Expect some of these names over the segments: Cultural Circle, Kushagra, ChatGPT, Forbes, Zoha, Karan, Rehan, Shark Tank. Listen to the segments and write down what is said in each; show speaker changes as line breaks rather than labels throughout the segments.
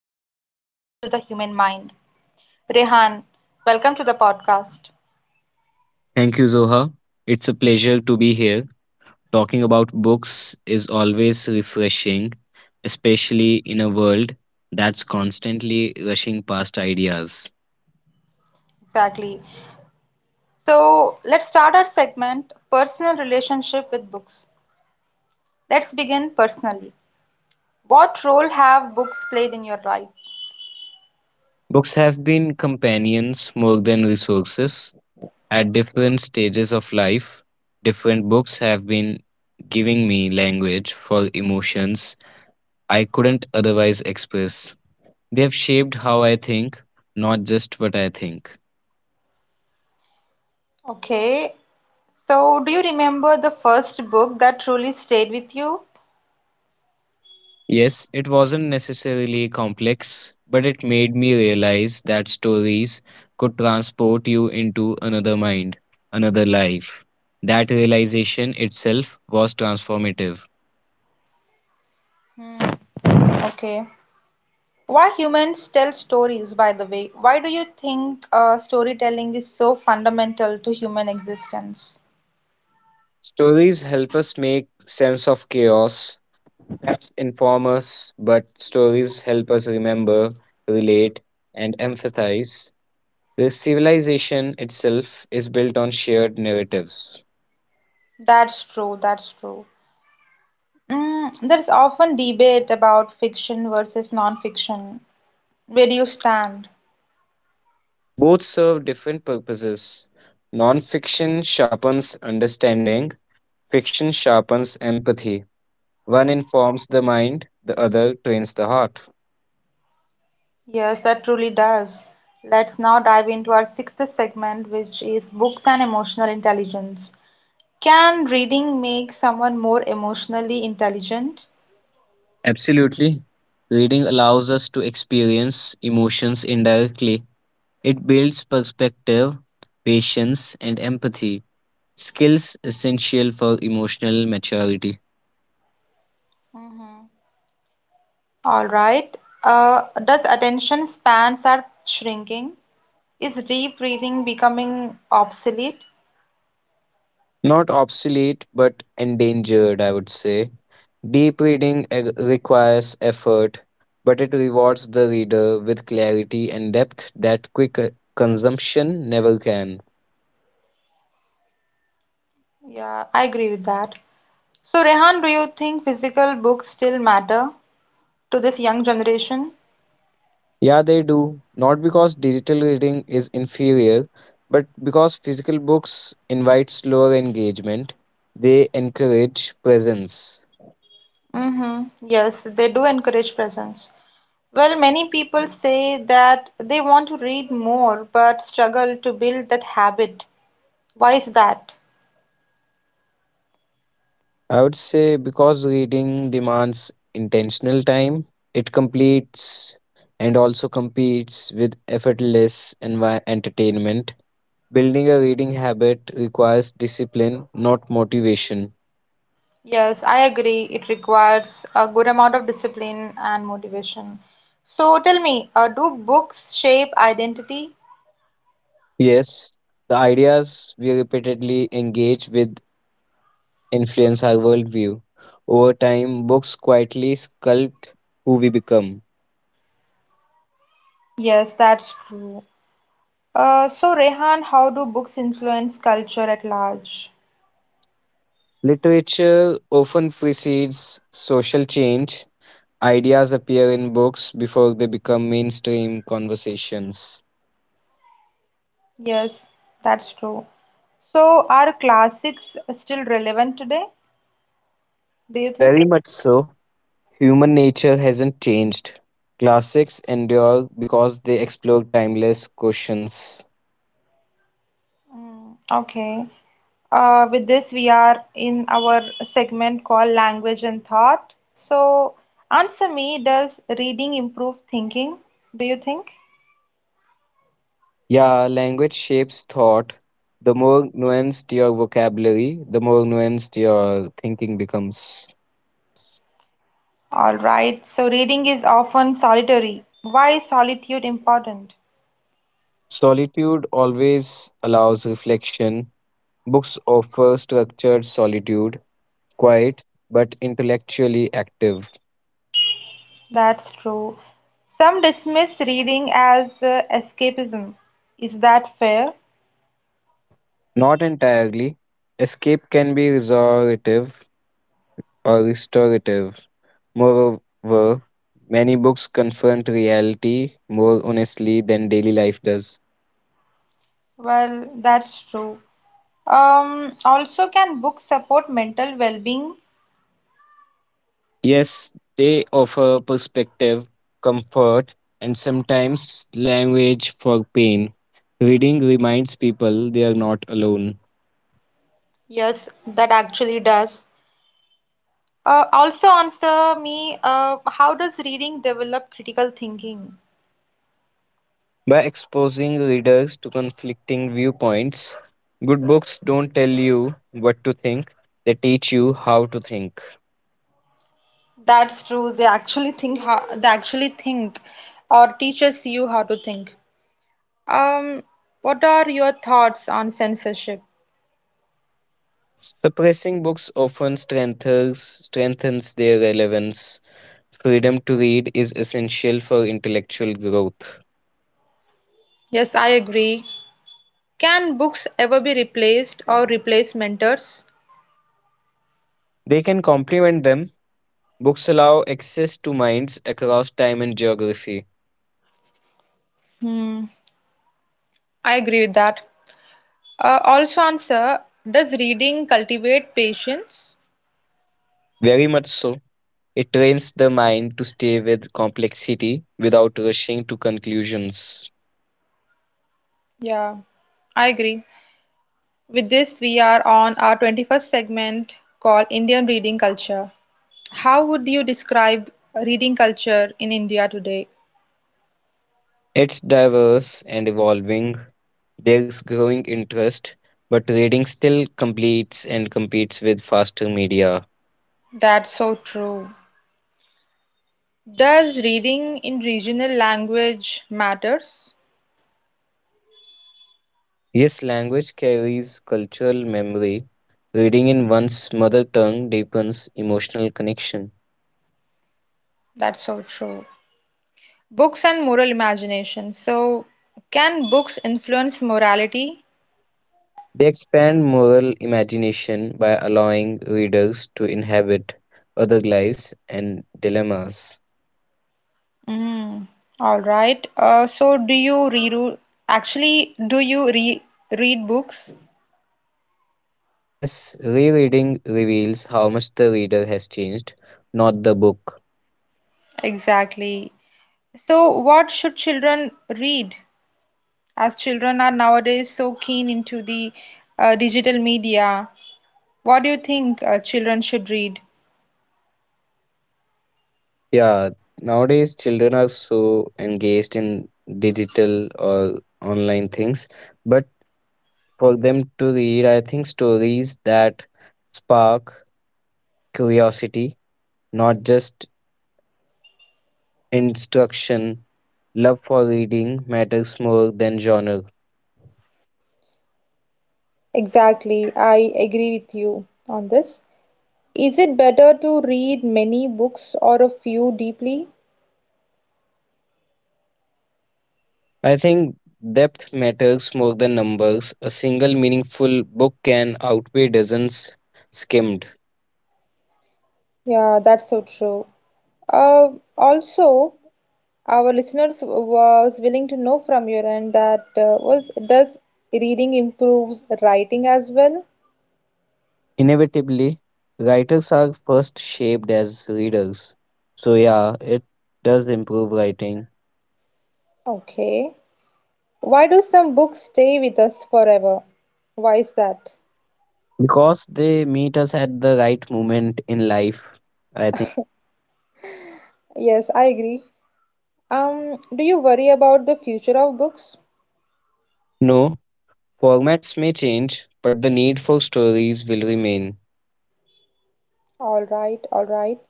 what reading does to the human mind. Rehan, welcome to the podcast.
Thank you, Zoha. It's a pleasure to be here. Talking about books is always refreshing, especially in a world that's constantly rushing past ideas.
Exactly. So let's start our segment personal relationship with books. Let's begin personally. What role have books played in your life?
Books have been companions more than resources. At different stages of life, different books have been giving me language for emotions I couldn't otherwise express. They have shaped how I think, not just what I think.
Okay. So do you remember the first book that truly stayed with you?
Yes, it wasn't necessarily complex, but it made me realize that stories could transport you into another mind, another life. That realization itself was transformative.
Okay. Why humans tell stories, by the way? Why do you think storytelling is so fundamental to human existence?
Stories help us make sense of chaos. Maps inform us, but stories help us remember, relate, and empathize. This civilization itself is built on shared narratives.
That's true, that's true. There's often debate about fiction versus non-fiction. Where do you stand?
Both serve different purposes. Nonfiction sharpens understanding, fiction sharpens empathy. One informs the mind, the other trains the heart.
Yes, that truly does. Let's now dive into our sixth segment, which is books and emotional intelligence. Can reading make someone more emotionally intelligent?
Absolutely. Reading allows us to experience emotions indirectly. It builds perspective, patience, and empathy, skills essential for emotional maturity.
All right. Does attention spans are shrinking? Is deep reading becoming obsolete?
Not obsolete, but endangered, I would say. Deep reading requires effort, but it rewards the reader with clarity and depth that quick consumption never can.
Yeah, I agree with that. So, Rehan, do you think physical books still matter to this young generation?
Yeah, they do. Not because digital reading is inferior, but because physical books invite slower engagement. They encourage presence.
Mm-hmm. Yes, they do encourage presence. Well, many people say that they want to read more but struggle to build that habit. Why is that?
I would say because reading demands intentional time, it completes and also competes with effortless entertainment. Building a reading habit requires discipline, not motivation.
Yes, I agree. It requires a good amount of discipline and motivation. So tell me, do books shape identity?
Yes, the ideas we repeatedly engage with influence our worldview. Over time, books quietly sculpt who we become.
Yes, that's true. So, Rehan, how do books influence culture at large?
Literature often precedes social change. Ideas appear in books before they become mainstream conversations.
Yes, that's true. So, are classics still relevant today, do you
Very
think?
much so. Human nature hasn't changed. Classics endure because they explore timeless questions.
Okay. With this, we are in our segment called Language and Thought. So, answer me, does reading improve thinking? Do you think?
Yeah, language shapes thought. The more nuanced your vocabulary, the more nuanced your thinking becomes.
All right, so reading is often solitary. Why is solitude important?
Solitude always allows reflection. Books offer structured solitude, quiet, but intellectually active.
That's true. Some dismiss reading as escapism. Is that fair?
Not entirely. Escape can be restorative or restorative. Moreover, many books confront reality more honestly than daily life does.
Well, that's true. Also, can books support mental well being?
Yes, they offer perspective, comfort, and sometimes language for pain. Reading reminds people they are not alone.
Yes, that actually does. Also answer me, how does reading develop critical thinking?
By exposing readers to conflicting viewpoints, good books don't tell you what to think, they teach you how to think.
That's true. They actually think how, they actually think or teaches you how to think. Um, what are your thoughts on censorship?
Suppressing books often strengthens their relevance. Freedom to read is essential for intellectual growth.
Yes, I agree. Can books ever be replaced or replace mentors?
They can complement them. Books allow access to minds across time and geography.
Hmm, I agree with that. Also answer, does reading cultivate patience?
Very much so. It trains the mind to stay with complexity without rushing to conclusions.
Yeah, I agree. With this, we are on our 21st segment called Indian Reading Culture. How would you describe reading culture in India today?
It's diverse and evolving. There's growing interest, but reading still completes and competes with faster media.
That's so true. Does reading in regional language matters?
Yes, language carries cultural memory. Reading in one's mother tongue deepens emotional connection.
That's so true. Books and moral imagination. So, can books influence morality?
They expand moral imagination by allowing readers to inhabit other lives and dilemmas.
Mm, all right. So, do you read? Actually, do you re read books?
Yes, rereading reveals how much the reader has changed, not the book.
Exactly. So, what should children read? As children are nowadays so keen into the digital media, what do you think children should read?
Yeah, nowadays children are so engaged in digital or online things, but for them to read, I think, stories that spark curiosity, not just instruction. Love for reading matters more than genre.
Exactly, I agree with you on this. Is it better to read many books or a few deeply?
I think depth matters more than numbers. A single meaningful book can outweigh dozens skimmed.
Yeah, that's so true. Uh, also, our listeners was willing to know from your end that was does reading improves writing as well?
Inevitably, writers are first shaped as readers. So, yeah, it does improve writing
Okay. Why do some books stay with us forever? Why is that?
because they meet us at the right moment in life. I...
Yes, I agree. Do you worry about the future of books?
No, formats may change, but the need for stories will remain.
All right, all right.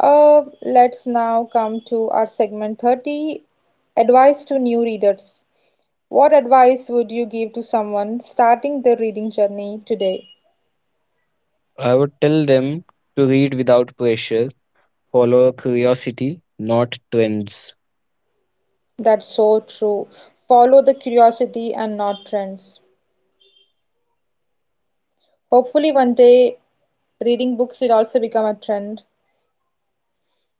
Let's now come to our segment 30, advice to new readers. What advice would you give to someone starting their reading journey today?
I would tell them to read without pressure, follow curiosity, not trends.
That's so true. Follow the curiosity and not trends. Hopefully, one day reading books will also become a trend.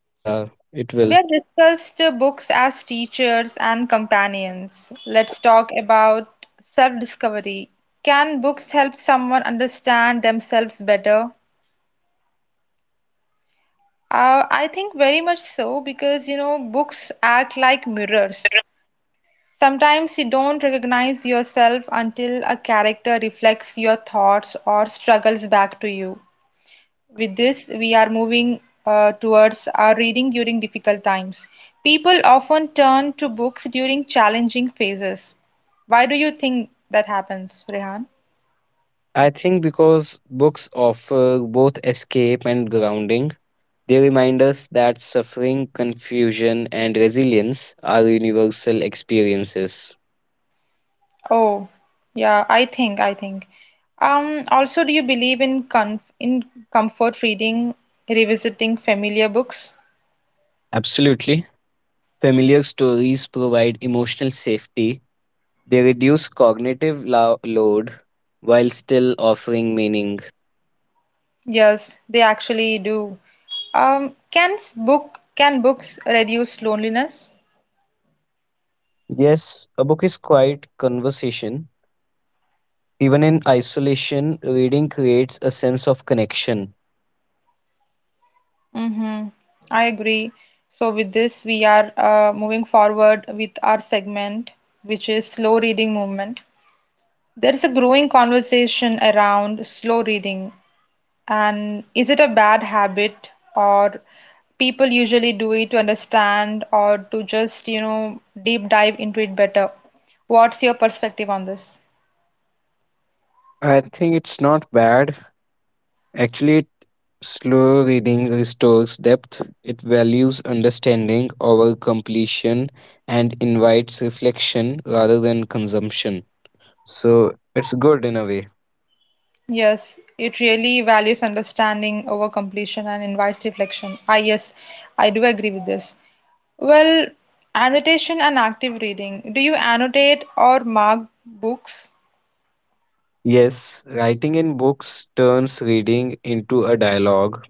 Yeah, it
We
will.
have discussed books as teachers and companions. Let's talk about self-discovery. Can books help someone understand themselves better? I think very much so because you know books act like mirrors. Sometimes you don't recognize yourself until a character reflects your thoughts or struggles back to you. With this, we are moving towards our reading during difficult times. People often turn to books during challenging phases. Why do you think that happens, Rehan?
I think because books offer both escape and grounding, they remind us that suffering, confusion, and resilience are universal experiences.
Oh, yeah, I think. Also, do you believe in comfort reading, revisiting familiar books?
Absolutely. Familiar stories provide emotional safety. They reduce cognitive load while still offering meaning.
Yes, they actually do. Can books reduce loneliness?
Yes, a book is quite conversation. Even in isolation, reading creates a sense of connection.
Mm-hmm. I agree. So, with this, we are moving forward with our segment, which is slow reading movement. There is a growing conversation around slow reading, and is it a bad habit, or people usually do it to understand or to just, you know, deep dive into it better? What's your perspective on this?
I think it's not bad. Actually, slow reading restores depth. It values understanding over completion and invites reflection rather than consumption. So it's good in a way.
Yes, it really values understanding over completion and invites reflection. Ah, yes, I do agree with this. Well, annotation and active reading. Do you annotate or mark books?
Yes, writing in books turns reading into a dialogue.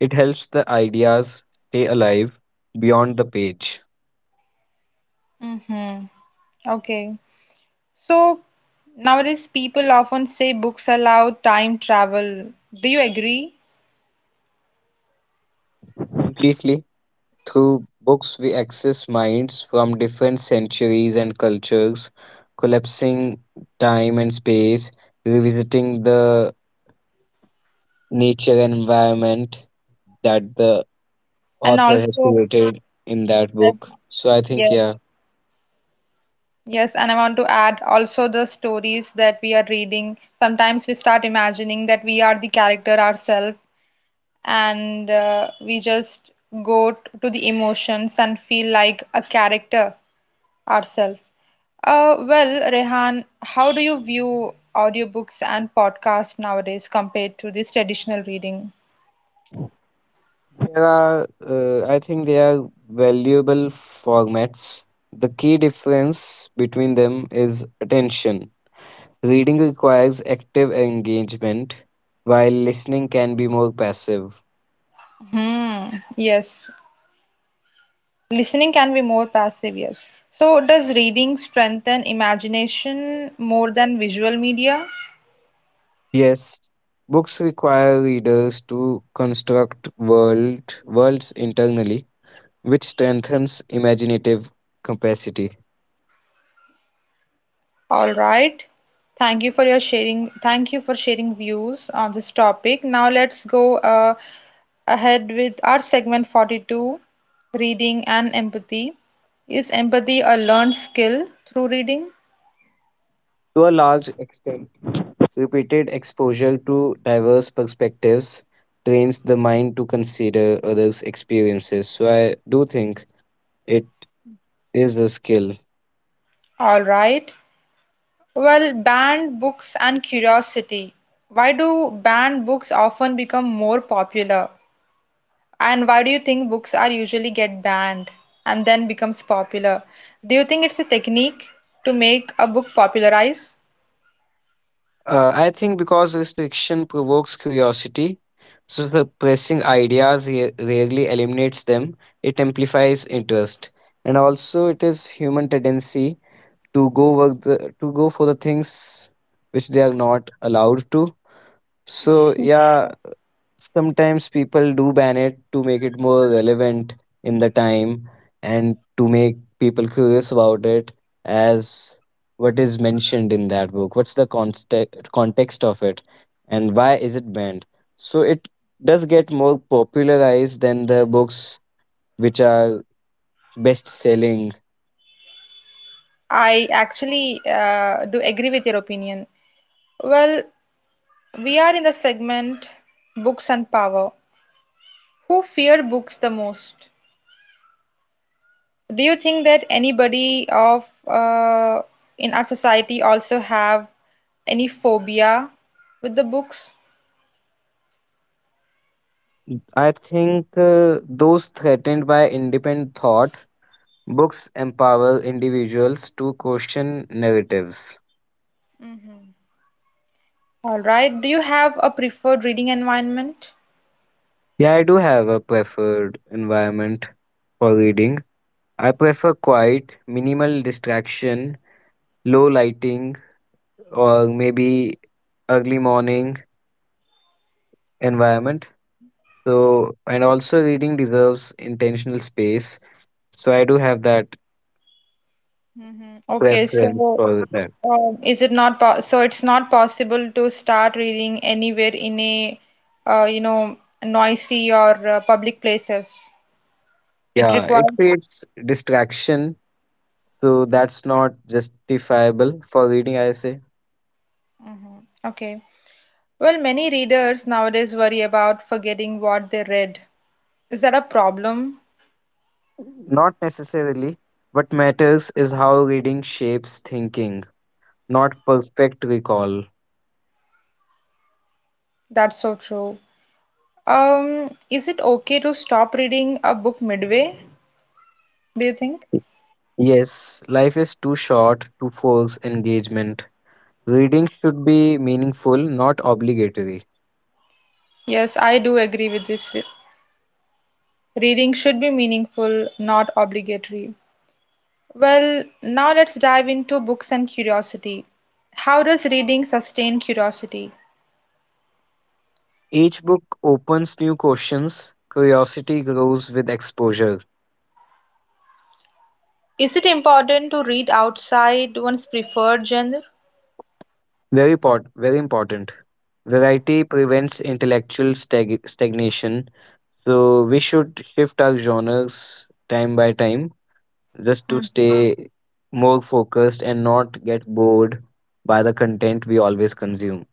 It helps the ideas stay alive beyond the page.
Mm-hmm. Okay. So nowadays people often say books allow time travel. Do you agree?
Completely. Through books, we access minds from different centuries and cultures, collapsing time and space, revisiting the nature and environment that the
And
author has
also,
created in that
I-
book. So I think,
yes.
yeah.
Yes, and I want to add also the stories that we are reading. Sometimes we start imagining that we are the character ourselves, and we just to the emotions and feel like a character ourselves. Well, Rehan, how do you view audiobooks and podcasts nowadays compared to this traditional reading?
There are, I think they are valuable formats. The key difference between them is attention. Reading requires active engagement, while listening can be more passive.
Hmm, yes. Listening can be more passive, yes. So, does reading strengthen imagination more than visual media?
Yes, books require readers to construct worlds internally, which strengthens imaginative capacity
All right. Thank you for your sharing. Thank you for sharing views on this topic. Now, let's go ahead with our segment 42 Reading and Empathy. Is empathy a learned skill through reading?
to a large extent. Repeated exposure to diverse perspectives trains the mind to consider others' experiences. So I do think it is a skill.
All right. Well, banned books and curiosity. Why do banned books often become more popular? And why do you think books are usually get banned and then becomes popular? Do you think it's a technique to make a book popularize?
I think because restriction provokes curiosity, so suppressing ideas rarely eliminates them, it amplifies interest. And also, it is human tendency to to go for the things which they are not allowed to. So yeah, sometimes people do ban it to make it more relevant in the time and to make people curious about it as what is mentioned in that book, what's the context of it and why is it banned. So it does get more popularized than the books which are best selling.
I actually do agree with your opinion. Well, we are in the segment Books and Power. Who fear books the most? Do you think that anybody of in our society also have any phobia with the books?
I think those threatened by independent thought. Books empower individuals to question narratives.
Mhm. All right. Do you have a preferred reading environment?
Yeah, I do have a preferred environment for reading. I prefer quiet, minimal distraction, low lighting, or maybe early morning environment. So, and also reading deserves intentional space. So, I do have that
Mhm. Okay,
preference
so
for that.
is it not po so it's not possible to start reading anywhere in a you know noisy or public places. It
Yeah,
requires
it creates distraction. So, that's not justifiable for reading, I say.
okay. Well, many readers nowadays worry about forgetting what they read. Is that a problem?
Not necessarily. What matters is how reading shapes thinking, not perfect recall.
That's so true. Is it okay to stop reading a book midway? Do you think?
Yes, life is too short to force engagement. Reading should be meaningful, not obligatory.
Yes, I do agree with this. Reading should be meaningful, not obligatory. Well, now let's dive into books and curiosity. How does reading sustain curiosity?
Each book opens new questions. Curiosity grows with exposure.
Is it important to read outside one's preferred genre?
Very important. Variety prevents intellectual stagnation. So we should shift our genres time by time just to
Mm.
stay more focused and not get bored by the content we always consume.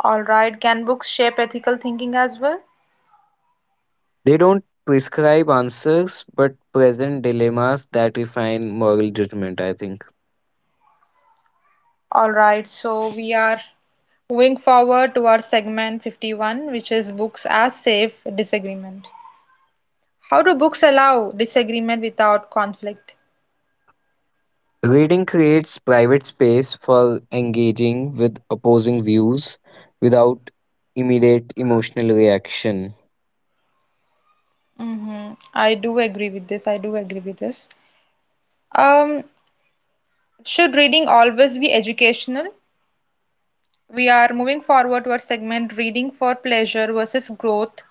All right. Can books shape ethical thinking as well?
They don't prescribe answers but present dilemmas that refine moral judgment, I think.
All right. So we are moving forward to our segment 51, which is books as safe disagreement. How do books allow disagreement without conflict?
Reading creates private space for engaging with opposing views without immediate emotional reaction.
Mm-hmm. I do agree with this. I do agree with this. Um, Should reading always be educational? We are moving forward to our segment reading for pleasure versus growth.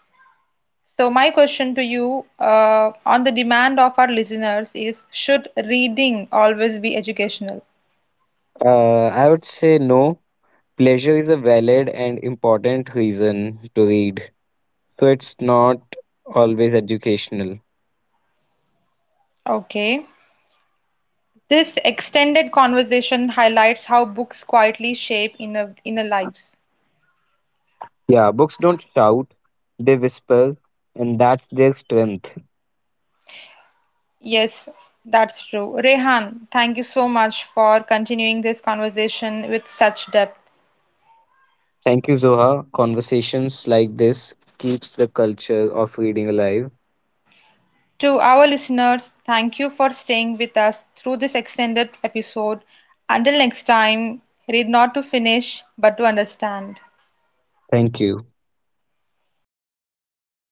So, my question to you on the demand of our listeners is, should reading always be educational?
I would say no. Pleasure is a valid and important reason to read, so it's not always educational.
Okay. This extended conversation highlights how books quietly shape inner lives.
Yeah, books don't shout, they whisper, and that's their strength.
Yes, that's true. Rehan, thank you so much for continuing this conversation with such depth.
Thank you, Zoha. Conversations like this keeps the culture of reading alive.
To our listeners, thank you for staying with us through this extended episode. Until next time, read not to finish, but to understand.
Thank you.
Thank